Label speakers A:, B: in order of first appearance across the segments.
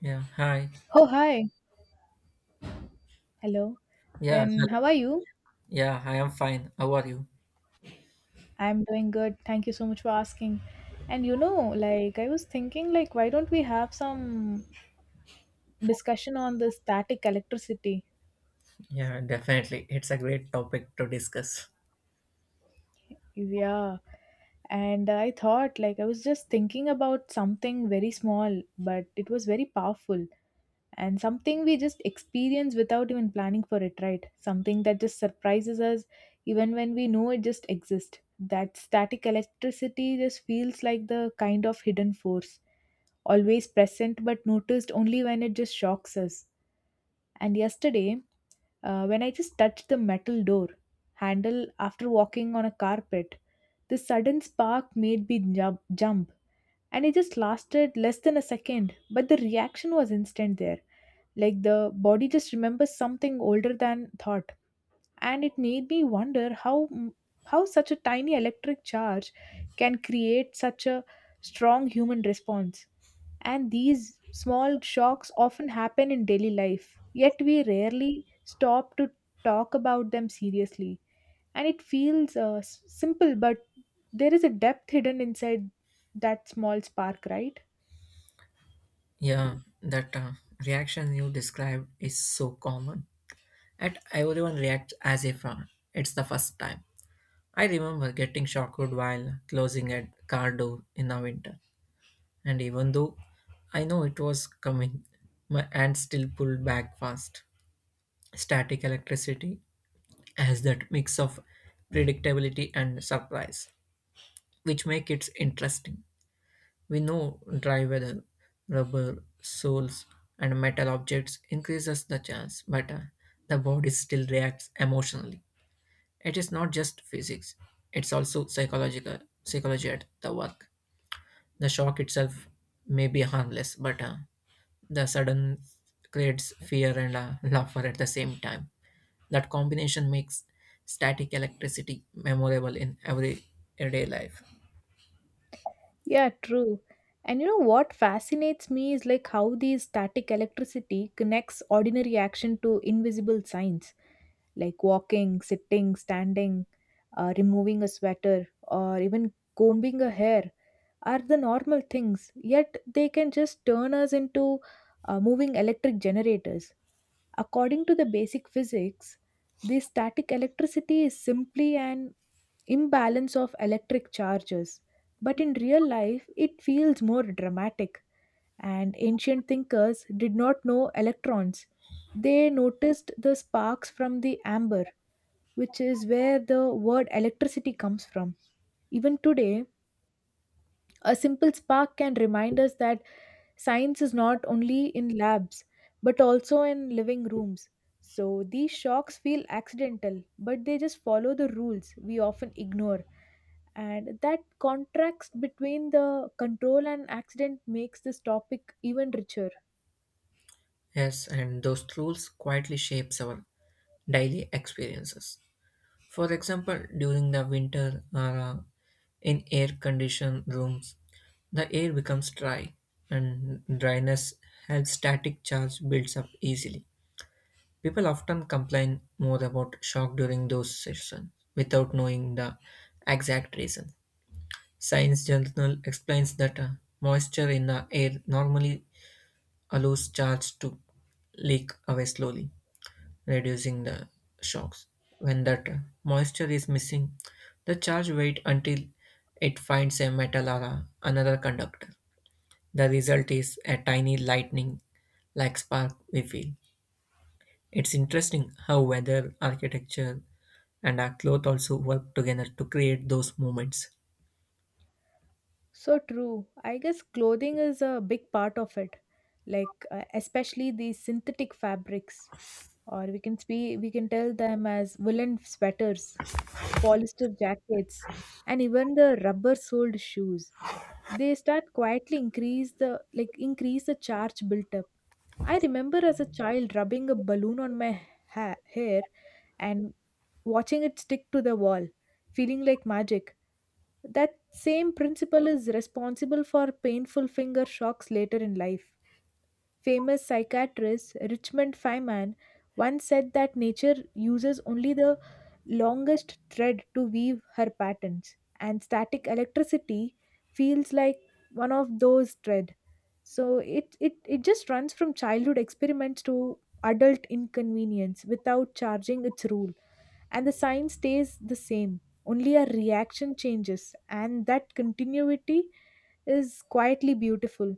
A: Yeah, hi.
B: Oh, hi. Hello.
A: Yeah, hello.
B: Then, how are you?
A: Yeah, I am fine. How are you?
B: I'm doing good. Thank you so much for asking. And you know, like, I was thinking, like, why don't we have some discussion on the static electricity?
A: Yeah, definitely. It's a great topic to discuss.
B: Yeah. And I thought, like, I was just thinking about something very small, but it was very powerful, and something we just experience without even planning for it, right? Something that just surprises us even when we know it just exists. That static electricity just feels like the kind of hidden force, always present but noticed only when it just shocks us. And yesterday, when I just touched the metal door handle after walking on a carpet, the sudden spark made me jump, and it just lasted less than a second, but the reaction was instant there, like the body just remembers something older than thought. And it made me wonder how such a tiny electric charge can create such a strong human response. And these small shocks often happen in daily life, yet we rarely stop to talk about them seriously. And it feels simple, but there is a depth hidden inside that small spark, right?
A: Yeah, that reaction you described is so common. And everyone reacts as if it's the first time. I remember getting shocked while closing a car door in the winter. And even though I know it was coming, my hand still pulled back fast. Static electricity has that mix of predictability and surprise, which make it interesting. We know dry weather, rubber, soles, and metal objects increases the chance, but the body still reacts emotionally. It is not just physics; it's also psychological psychology at the work. The shock itself may be harmless, but the sudden creates fear and laughter at the same time. That combination makes static electricity memorable in everyday life.
B: Yeah, true. And you know what fascinates me is like how the static electricity connects ordinary action to invisible signs, like walking, sitting, standing, removing a sweater, or even combing a hair are the normal things, yet they can just turn us into moving electric generators. According to the basic physics, the static electricity is simply an imbalance of electric charges. But in real life, it feels more dramatic. And ancient thinkers did not know electrons. They noticed the sparks from the amber, which is where the word electricity comes from. Even today, a simple spark can remind us that science is not only in labs but also in living rooms. So these shocks feel accidental, but they just follow the rules we often ignore. And that contrast between the control and accident makes this topic even richer.
A: Yes, and those rules quietly shapes our daily experiences. For example, during the winter or in air-conditioned rooms, the air becomes dry, and dryness helps static charge builds up easily. People often complain more about shock during those sessions without knowing the exact reason. Science Journal explains that moisture in the air normally allows charge to leak away slowly reducing the shocks. When that moisture is missing, the charge waits until it finds a metal or another conductor. The result is a tiny lightning like spark we feel. It's interesting how weather, architecture, and our cloth also work together to create those moments.
B: So true. I guess clothing is a big part of it, like especially these synthetic fabrics, or we can we can tell them as woolen sweaters, polyester jackets, and even the rubber-soled shoes. They start quietly increase the increase the charge built up. I remember as a child rubbing a balloon on my hair and watching it stick to the wall, feeling like magic. That same principle is responsible for painful finger shocks later in life. Famous psychiatrist Richmond Feynman once said that nature uses only the longest thread to weave her patterns, and static electricity feels like one of those thread. So it just runs from childhood experiments to adult inconvenience without charging its rule. And the sign stays the same. Only a reaction changes, and that continuity is quietly beautiful.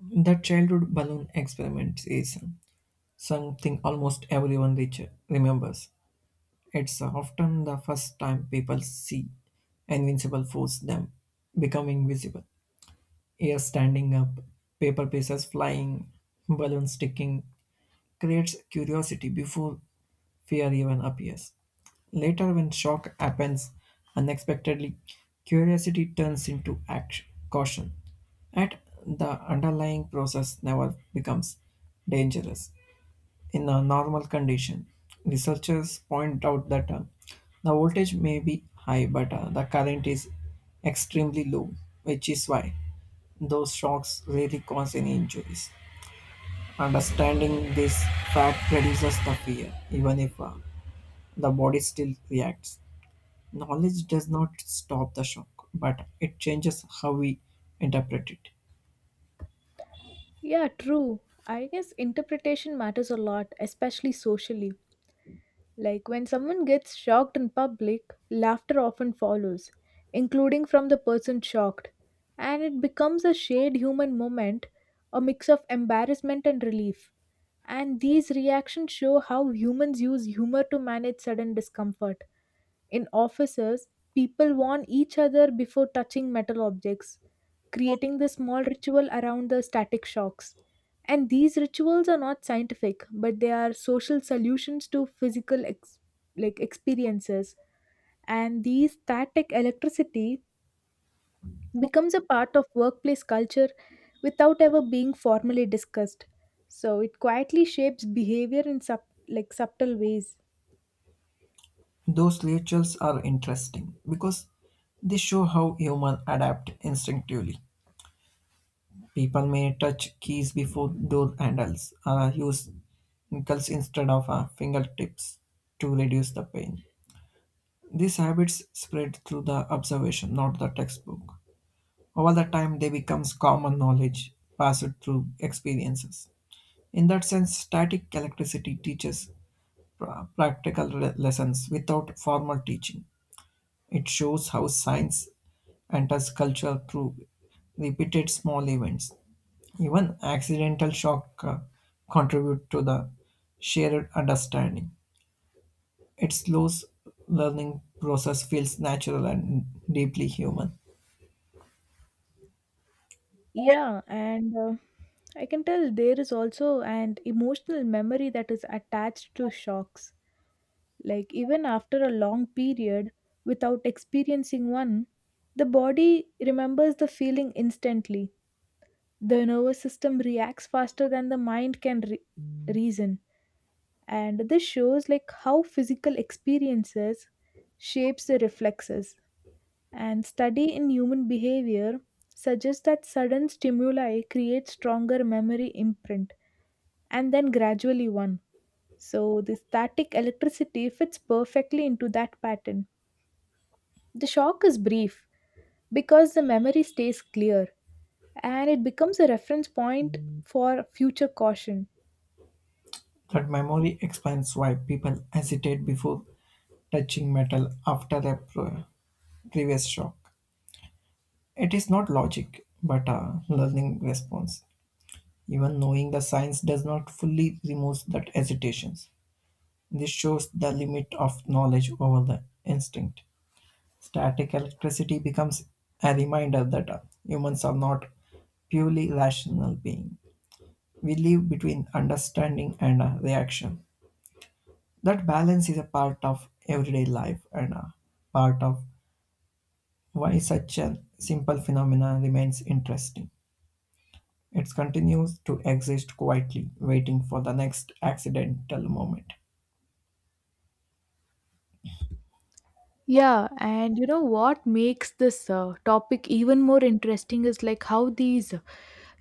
A: The childhood balloon experiment is something almost everyone remembers. It's often the first time people see invincible force them becoming visible. Air standing up, paper pieces flying, balloons sticking creates curiosity before fear even appears. Later, when shock happens unexpectedly, curiosity turns into action, caution at the underlying process never becomes dangerous. In a normal condition, researchers point out that the voltage may be high, but the current is extremely low, which is why those shocks rarely cause any injuries. Understanding this fact reduces the fear, even if the body still reacts. Knowledge does not stop the shock, but it changes how we interpret it.
B: Yeah, true. I guess interpretation matters a lot, especially socially. Like when someone gets shocked in public, laughter often follows, including from the person shocked, and it becomes a shared human moment, a mix of embarrassment and relief. And these reactions show how humans use humor to manage sudden discomfort. In offices, people warn each other before touching metal objects, creating the small ritual around the static shocks. And these rituals are not scientific, but they are social solutions to physical experiences. And these static electricity becomes a part of workplace culture without ever being formally discussed. So it quietly shapes behavior in subtle ways.
A: Those rituals are interesting because they show how humans adapt instinctively. People may touch keys before door handles, or use knuckles instead of fingertips to reduce the pain. These habits spread through the observation, not the textbook. Over the time, they become common knowledge passed through experiences. In that sense, static electricity teaches practical lessons without formal teaching. It shows how science enters culture through repeated small events. Even accidental shock contribute to the shared understanding. It slows learning process feels natural and deeply human.
B: Yeah, and I can tell there is also an emotional memory that is attached to shocks. Like, even after a long period without experiencing one, the body remembers the feeling instantly. The nervous system reacts faster than the mind can reason. And this shows like how physical experiences shapes the reflexes. And study in human behavior suggests that sudden stimuli create stronger memory imprint and then gradually one. So the static electricity fits perfectly into that pattern. The shock is brief because the memory stays clear and it becomes a reference point for future caution.
A: That memory explains why people hesitate before touching metal after a previous shock. It is not logic, but a learning response. Even knowing the science does not fully remove that hesitations. This shows the limit of knowledge over the instinct. Static electricity becomes a reminder that humans are not purely rational being. We live between understanding and reaction. That balance is a part of everyday life and a part of why such a simple phenomenon remains interesting. It continues to exist quietly, waiting for the next accidental moment.
B: Yeah, and you know what makes this topic even more interesting is like how these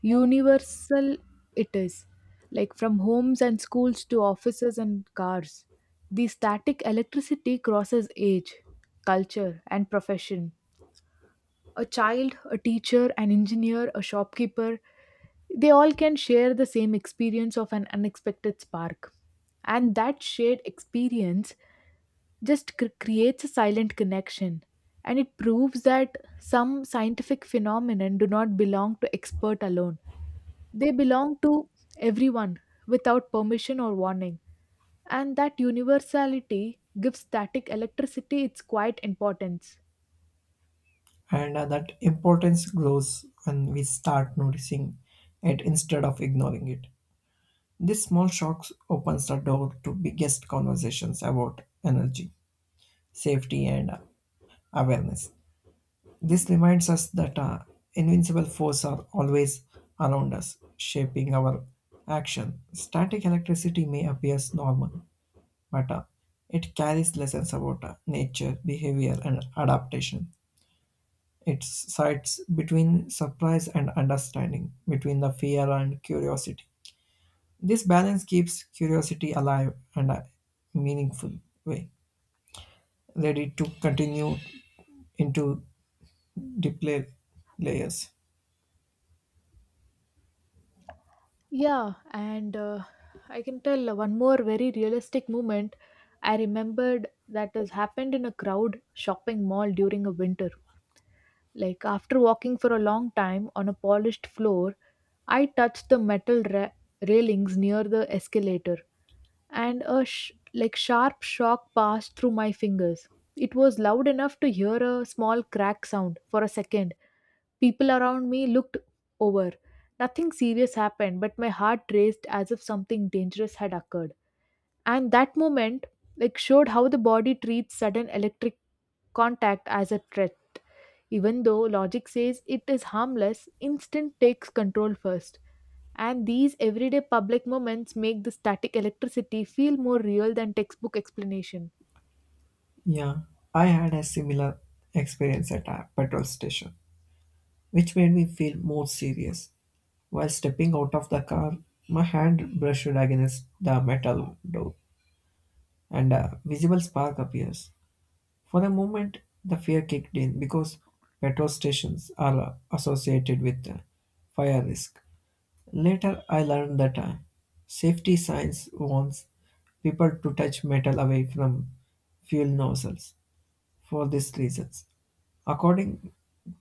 B: universal it is, like from homes and schools to offices and cars. The static electricity crosses age, culture, and profession. A child, a teacher, an engineer, a shopkeeper, they all can share the same experience of an unexpected spark. And that shared experience just creates a silent connection, and it proves that some scientific phenomenon do not belong to expert alone. They belong to everyone without permission or warning, and that universality gives static electricity its quiet importance.
A: And that importance grows when we start noticing it instead of ignoring it. This small shocks opens the door to biggest conversations about energy safety and awareness. This reminds us that invincible forces are always around us shaping our action. Static electricity may appear normal, but it carries lessons about nature behavior and adaptation. It sides between surprise and understanding, between the fear and curiosity. This balance keeps curiosity alive and a meaningful way, ready to continue into deeper layers.
B: Yeah, and I can tell one more very realistic moment I remembered that has happened in a crowd shopping mall during a winter. Like after walking for a long time on a polished floor, I touched the metal railings near the escalator, and a sharp shock passed through my fingers. It was loud enough to hear a small crack sound for a second. People around me looked over. Nothing serious happened, but my heart raced as if something dangerous had occurred. And that moment, like, showed how the body treats sudden electric contact as a threat. Even though logic says it is harmless, instinct takes control first. And these everyday public moments make the static electricity feel more real than textbook explanation.
A: Yeah, I had a similar experience at a petrol station, which made me feel more serious. While stepping out of the car, my hand brushed against the metal door, and a visible spark appears. For the moment, the fear kicked in because petrol stations are associated with fire risk. Later, I learned that safety signs warns people to touch metal away from fuel nozzles for these reasons. According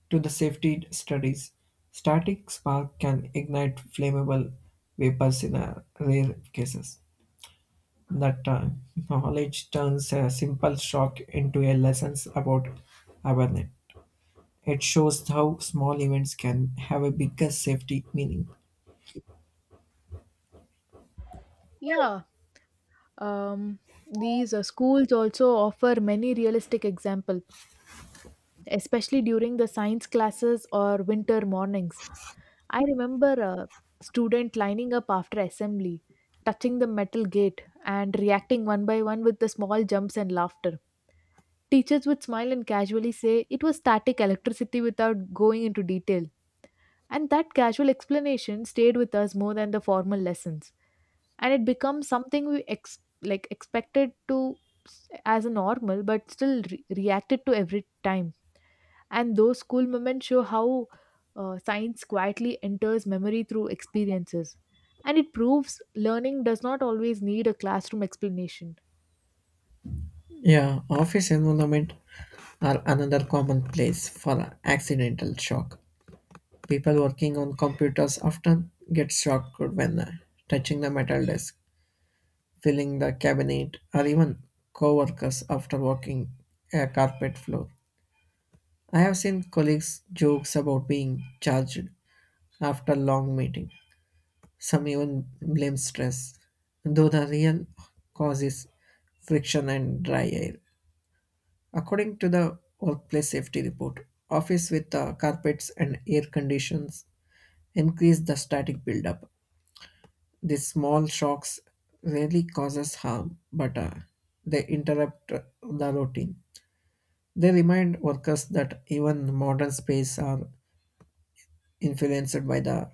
A: to the safety studies, static spark can ignite flammable vapors in rare cases. That time, knowledge turns a simple shock into a lesson about awareness. It shows how small events can have a bigger safety meaning.
B: Yeah, um, these schools also offer many realistic examples, especially during the science classes or winter mornings. I remember a student lining up after assembly, touching the metal gate and reacting one by one with the small jumps and laughter. Teachers would smile and casually say it was static electricity without going into detail. And that casual explanation stayed with us more than the formal lessons. And it becomes something we expected to as a normal, but still reacted to every time. And those school moments show how science quietly enters memory through experiences. And it proves learning does not always need a classroom explanation.
A: Yeah, office environment are another common place for accidental shock. People working on computers often get shocked when touching the metal desk, filling the cabinet, or even co-workers after walking a carpet floor. I have seen colleagues jokes about being charged after long meeting. Some even blame stress, though the real cause is friction and dry air. According to the Workplace Safety Report, office with carpets and air conditions increase the static buildup. These small shocks rarely causes harm, but they interrupt the routine. They remind workers that even modern space are influenced by the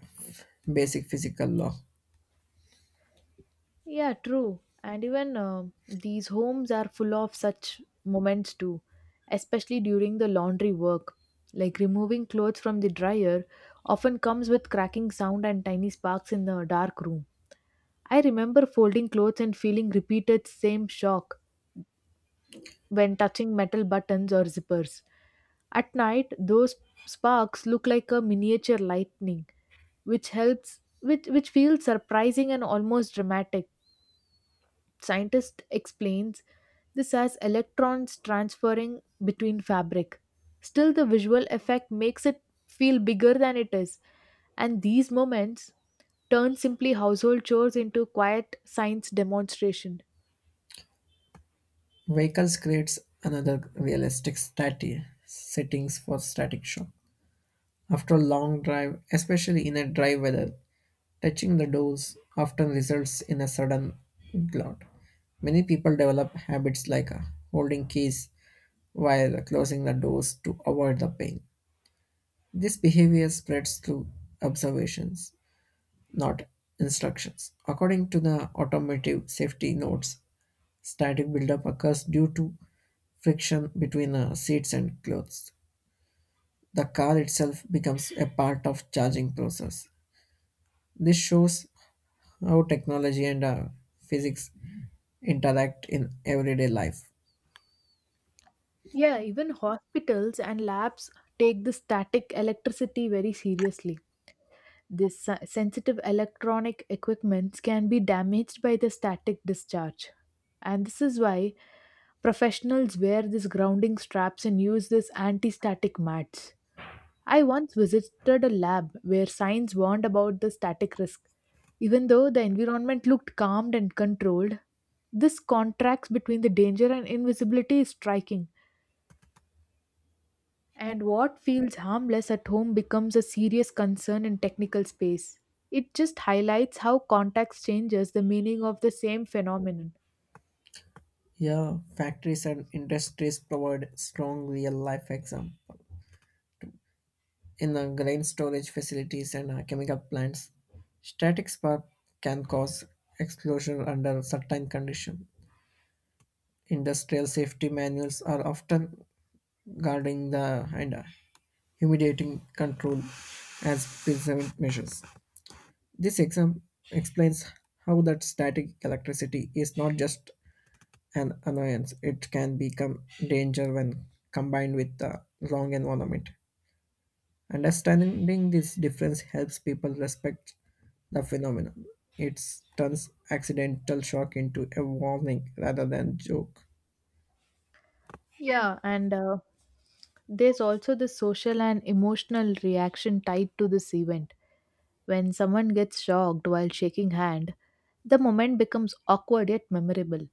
A: basic physical law.
B: Yeah, true. And even these homes are full of such moments too, especially during the laundry work. Like removing clothes from the dryer often comes with cracking sound and tiny sparks in the dark room. I remember folding clothes and feeling repeated same shock when touching metal buttons or zippers. At night, those sparks look like a miniature lightning, which helps which feels surprising and almost dramatic. Scientist explains this as electrons transferring between fabric. Still, the visual effect makes it feel bigger than it is, and these moments turn simply household chores into quiet science demonstration.
A: Vehicles creates another realistic static settings for static shock. After a long drive, especially in a dry weather, touching the doors often results in a sudden glut. Many people develop habits like holding keys while closing the doors to avoid the pain. This behavior spreads through observations, not instructions. According to the automotive safety notes, static buildup occurs due to friction between seats and clothes. The car itself becomes a part of charging process. This shows how technology and physics interact in everyday life.
B: Yeah, even hospitals and labs take the static electricity very seriously. This sensitive electronic equipments can be damaged by the static discharge. And this is why professionals wear these grounding straps and use these anti static mats. I once visited a lab where signs warned about the static risk. Even though the environment looked calm and controlled, this contrast between the danger and invisibility is striking. And what feels harmless at home becomes a serious concern in technical space. It just highlights how context changes the meaning of the same phenomenon.
A: Yeah, factories and industries provide strong real life example. In grain storage facilities and chemical plants, static spark can cause explosion under certain conditions. Industrial safety manuals are often guarding the and humiliating control as preserving measures. This exam explains how that static electricity is not just an annoyance, it can become danger when combined with the wrong environment. Understanding this difference helps people respect the phenomenon. It turns accidental shock into a warning rather than joke.
B: Yeah, and there's also the social and emotional reaction tied to this event. When someone gets shocked while shaking hand, the moment becomes awkward yet memorable,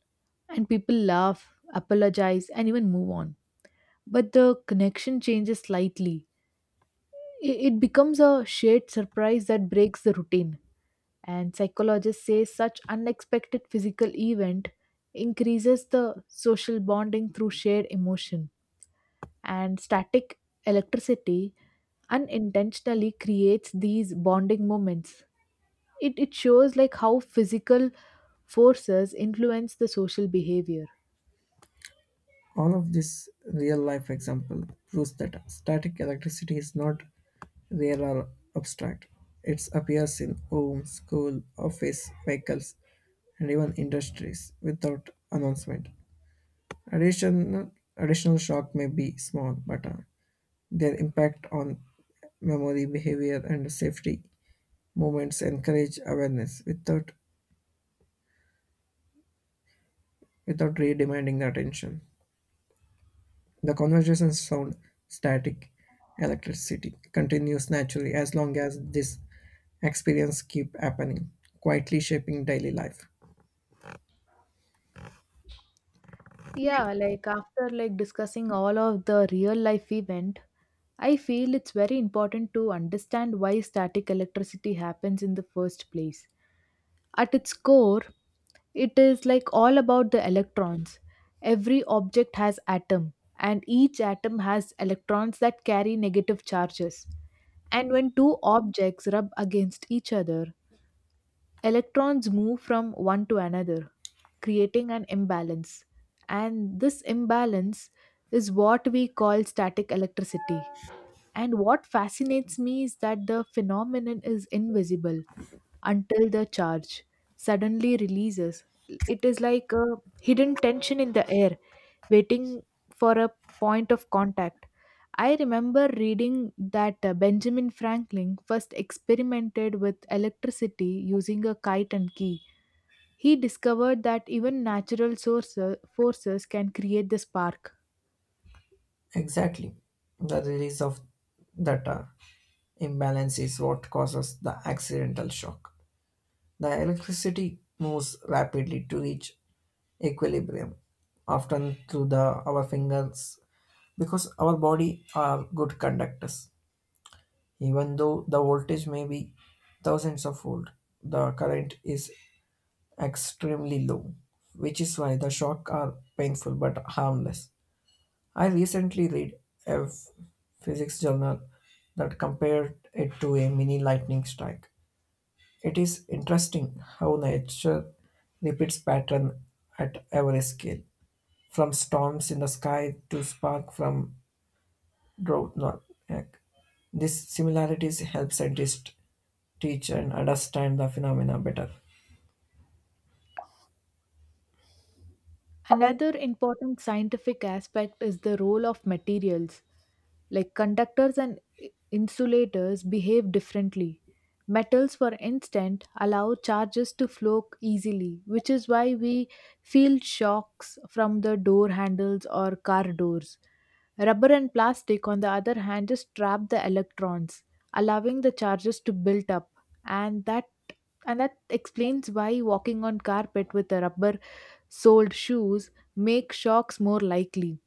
B: and people laugh, apologize, and even move on. But the connection changes slightly. It becomes a shared surprise that breaks the routine. And psychologists say such unexpected physical event increases the social bonding through shared emotion. And static electricity unintentionally creates these bonding moments. It shows like how physical forces influence the social behavior.
A: All of this real life example proves that static electricity is not real or abstract. It appears in homes, school, office, vehicles, and even industries without announcement. Additional shock may be small, but their impact on memory, behavior, and safety movements encourage awareness without re-demanding the attention. The conversation's sound, static electricity, continues naturally as long as this experience keep happening, quietly shaping daily life.
B: Yeah, like after like discussing all of the real life event, I feel it's very important to understand why static electricity happens in the first place. At its core, it is like all about the electrons. Every object has atom and each atom has electrons that carry negative charges. And when two objects rub against each other, electrons move from one to another, creating an imbalance. And this imbalance is what we call static electricity. And what fascinates me is that the phenomenon is invisible until the charge suddenly releases. It is like a hidden tension in the air, waiting for a point of contact. I remember reading that Benjamin Franklin first experimented with electricity using a kite and key. He discovered that even natural sources, forces can create the spark.
A: Exactly. The release of that imbalance is what causes the accidental shock. The electricity moves rapidly to reach equilibrium, often through the our fingers, because our body are good conductors. Even though the voltage may be thousands of volt, the current is extremely low, which is why the shock are painful but harmless. I recently read a physics journal that compared it to a mini lightning strike. It is interesting how nature repeats pattern at every scale, from storms in the sky to spark from Brownback. These similarities help scientists teach and understand the phenomena better.
B: Another important scientific aspect is the role of materials. Like conductors and insulators behave differently. Metals, for instance, allow charges to flow easily, which is why we feel shocks from the door handles or car doors. Rubber and plastic, on the other hand, just trap the electrons, allowing the charges to build up, and that explains why walking on carpet with a rubber sold shoes make shocks more likely.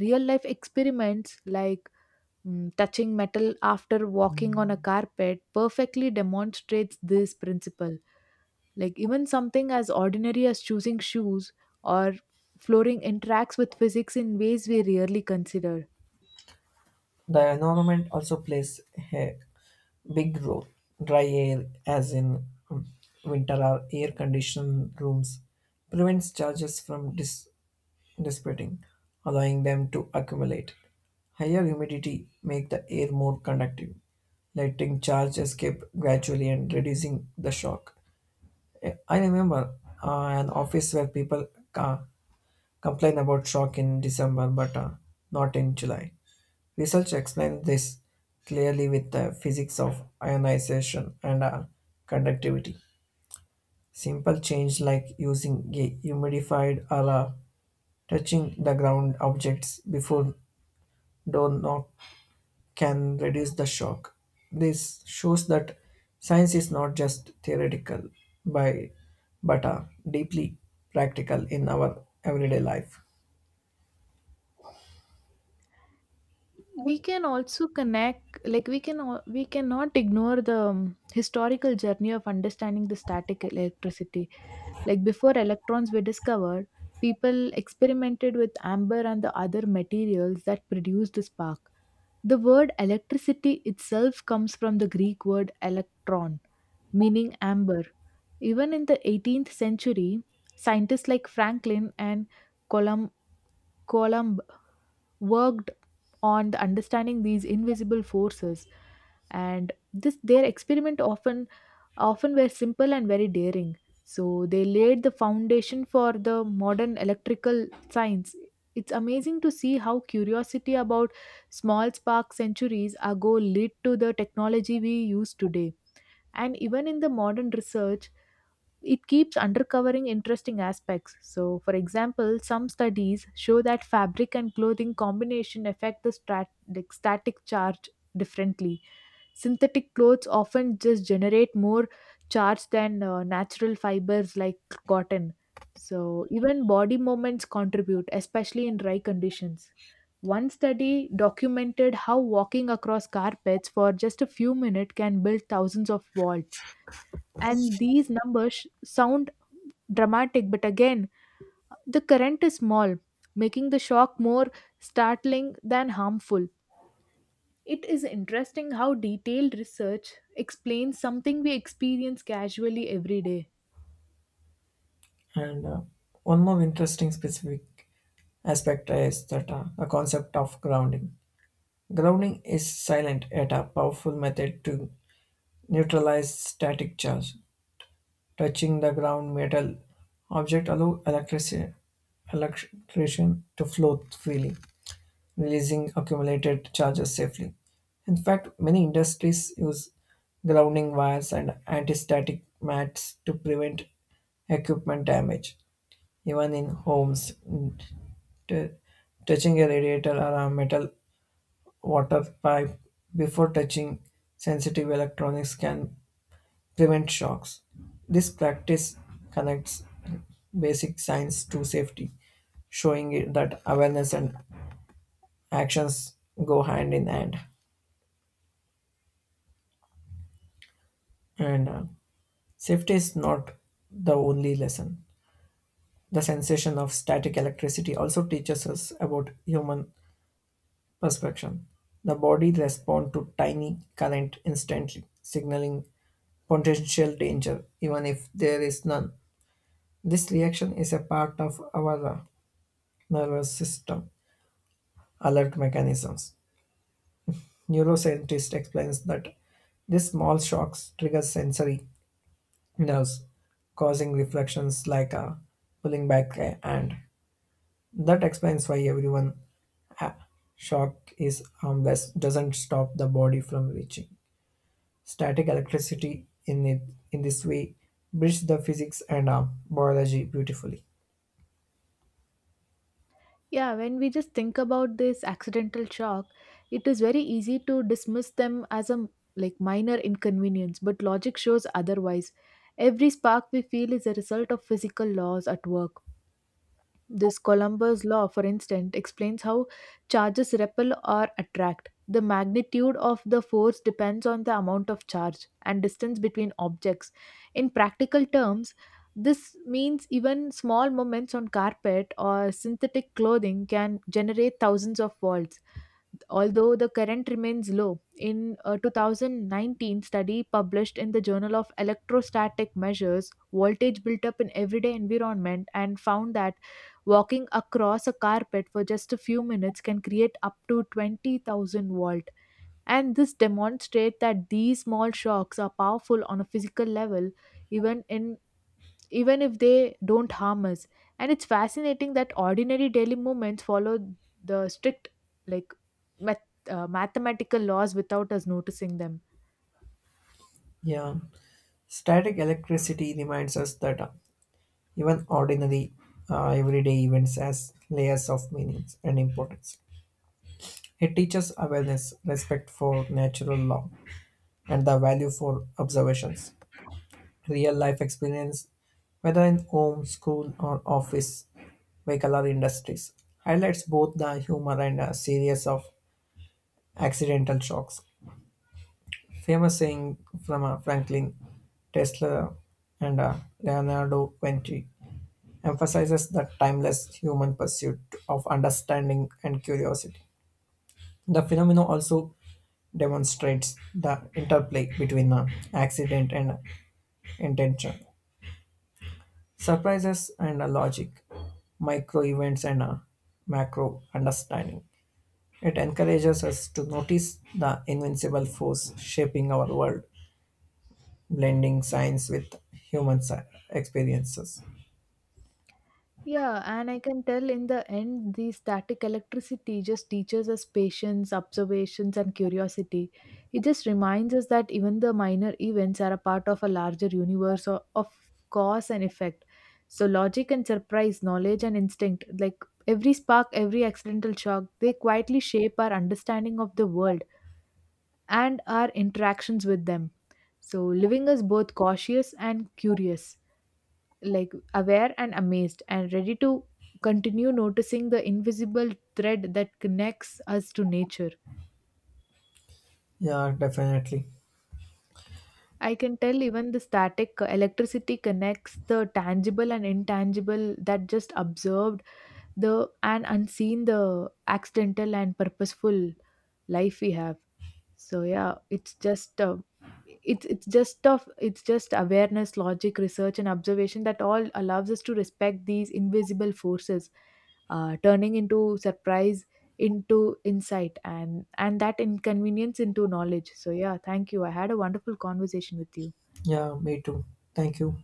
B: Real life experiments like touching metal after walking on a carpet perfectly demonstrates this principle. Like even something as ordinary as choosing shoes or flooring interacts with physics in ways we rarely consider.
A: The environment also plays a big role. Dry air, as in um, winter or air conditioned rooms, prevents charges from dissipating, allowing them to accumulate. Higher humidity make the air more conductive, letting charge escape gradually and reducing the shock. I remember an office where people uh, complain about shock in December but not in July. Research explains this clearly with the physics of ionization and conductivity. Simple change like using a humidified or touching the ground objects before door knock can reduce the shock. This shows that science is not just theoretical, by, but deeply practical in our everyday life.
B: We can also connect, we cannot ignore the historical journey of understanding the static electricity. Like before electrons were discovered, people experimented with amber and the other materials that produced the spark. The word electricity itself comes from the Greek word electron, meaning amber. Even in the 18th century, scientists like Franklin and Colum- Columb worked on the understanding these invisible forces, and this their experiment often were simple and very daring. So they laid the foundation for the modern electrical science. It's amazing to see how curiosity about small sparks centuries ago led to the technology we use today. And even in the modern research, it keeps uncovering interesting aspects. So, for example, some studies show that fabric and clothing combination affect the static charge differently. Synthetic clothes often just generate more charge than natural fibers like cotton. So, even body movements contribute, especially in dry conditions. One study documented how walking across carpets for just a few minutes can build thousands of volts. And these numbers sound dramatic, but again, the current is small, making the shock more startling than harmful. It is interesting how detailed research explains something we experience casually every day.
A: And one more interesting specific aspect is that the concept of grounding. Grounding is silent yet a powerful method to neutralize static charge. Touching the ground metal object allow electricity electrician to flow freely, releasing accumulated charges safely. In fact, many industries use grounding wires and anti-static mats to prevent equipment damage, even in homes. T- Touching a radiator or a metal water pipe before touching sensitive electronics can prevent shocks. This practice connects basic science to safety, showing it that awareness and actions go hand in hand. And safety is not the only lesson. The sensation of static electricity also teaches us about human perception. The body responds to tiny current instantly, signaling potential danger, even if there is none. This reaction is a part of our nervous system alert mechanisms. Neuroscientist explains that these small shocks trigger sensory. It does, causing reflections like a pulling back and that explains why everyone uh, shock is harmless doesn't stop the body from reaching static electricity in this way bridges the physics and biology beautifully.
B: Yeah, when we just think about this accidental shock, it is very easy to dismiss them as a minor inconvenience, but logic shows otherwise. Every spark we feel is a result of physical laws at work. This Columbus law, for instance, explains how charges repel or attract. The magnitude of the force depends on the amount of charge and distance between objects. In practical terms, this means even small moments on carpet or synthetic clothing can generate thousands of volts, although the current remains low. In a 2019 study published in the Journal of Electrostatic Measures, voltage built up in everyday environment and found that walking across a carpet for just a few minutes can create up to 20,000 volt. And this demonstrates that these small shocks are powerful on a physical level, even in even if they don't harm us. And it's fascinating that ordinary daily movements follow the strict, like, mathematical laws without us noticing them.
A: Yeah, static electricity reminds us that even ordinary everyday events has layers of meanings and importance. It teaches awareness respect for natural law and the value for observations. Real life experience, whether in home, school, or office, vehicle, or industries, highlights both the humor and a series of accidental shocks. Famous saying from Franklin, Tesla, and Leonardo Vinci emphasizes the timeless human pursuit of understanding and curiosity. The phenomenon also demonstrates the interplay between accident and intention, surprises and a logic, micro events and a macro understanding. It encourages us to notice the invincible force shaping our world, blending science with human experiences.
B: Yeah, and I can tell in the end, the static electricity just teaches us patience, observations, and curiosity. It just reminds us that even the minor events are a part of a larger of cause and effect. So, logic and surprise, knowledge and instinct, like every spark, every accidental shock, they quietly shape our understanding of the world and our interactions with them. So, leaving us both cautious and curious, like aware and amazed and ready to continue noticing the invisible thread that connects us to nature.
A: Yeah, definitely.
B: I can tell even the static electricity connects the tangible and intangible, that just observed the and unseen, the accidental and purposeful life we have. So yeah, it's just awareness, logic, research, and observation that all allows us to respect these invisible forces, turning into surprise, into insight, and that inconvenience into knowledge. So yeah, thank you, I had a wonderful conversation with you.
A: Yeah, me too. Thank you.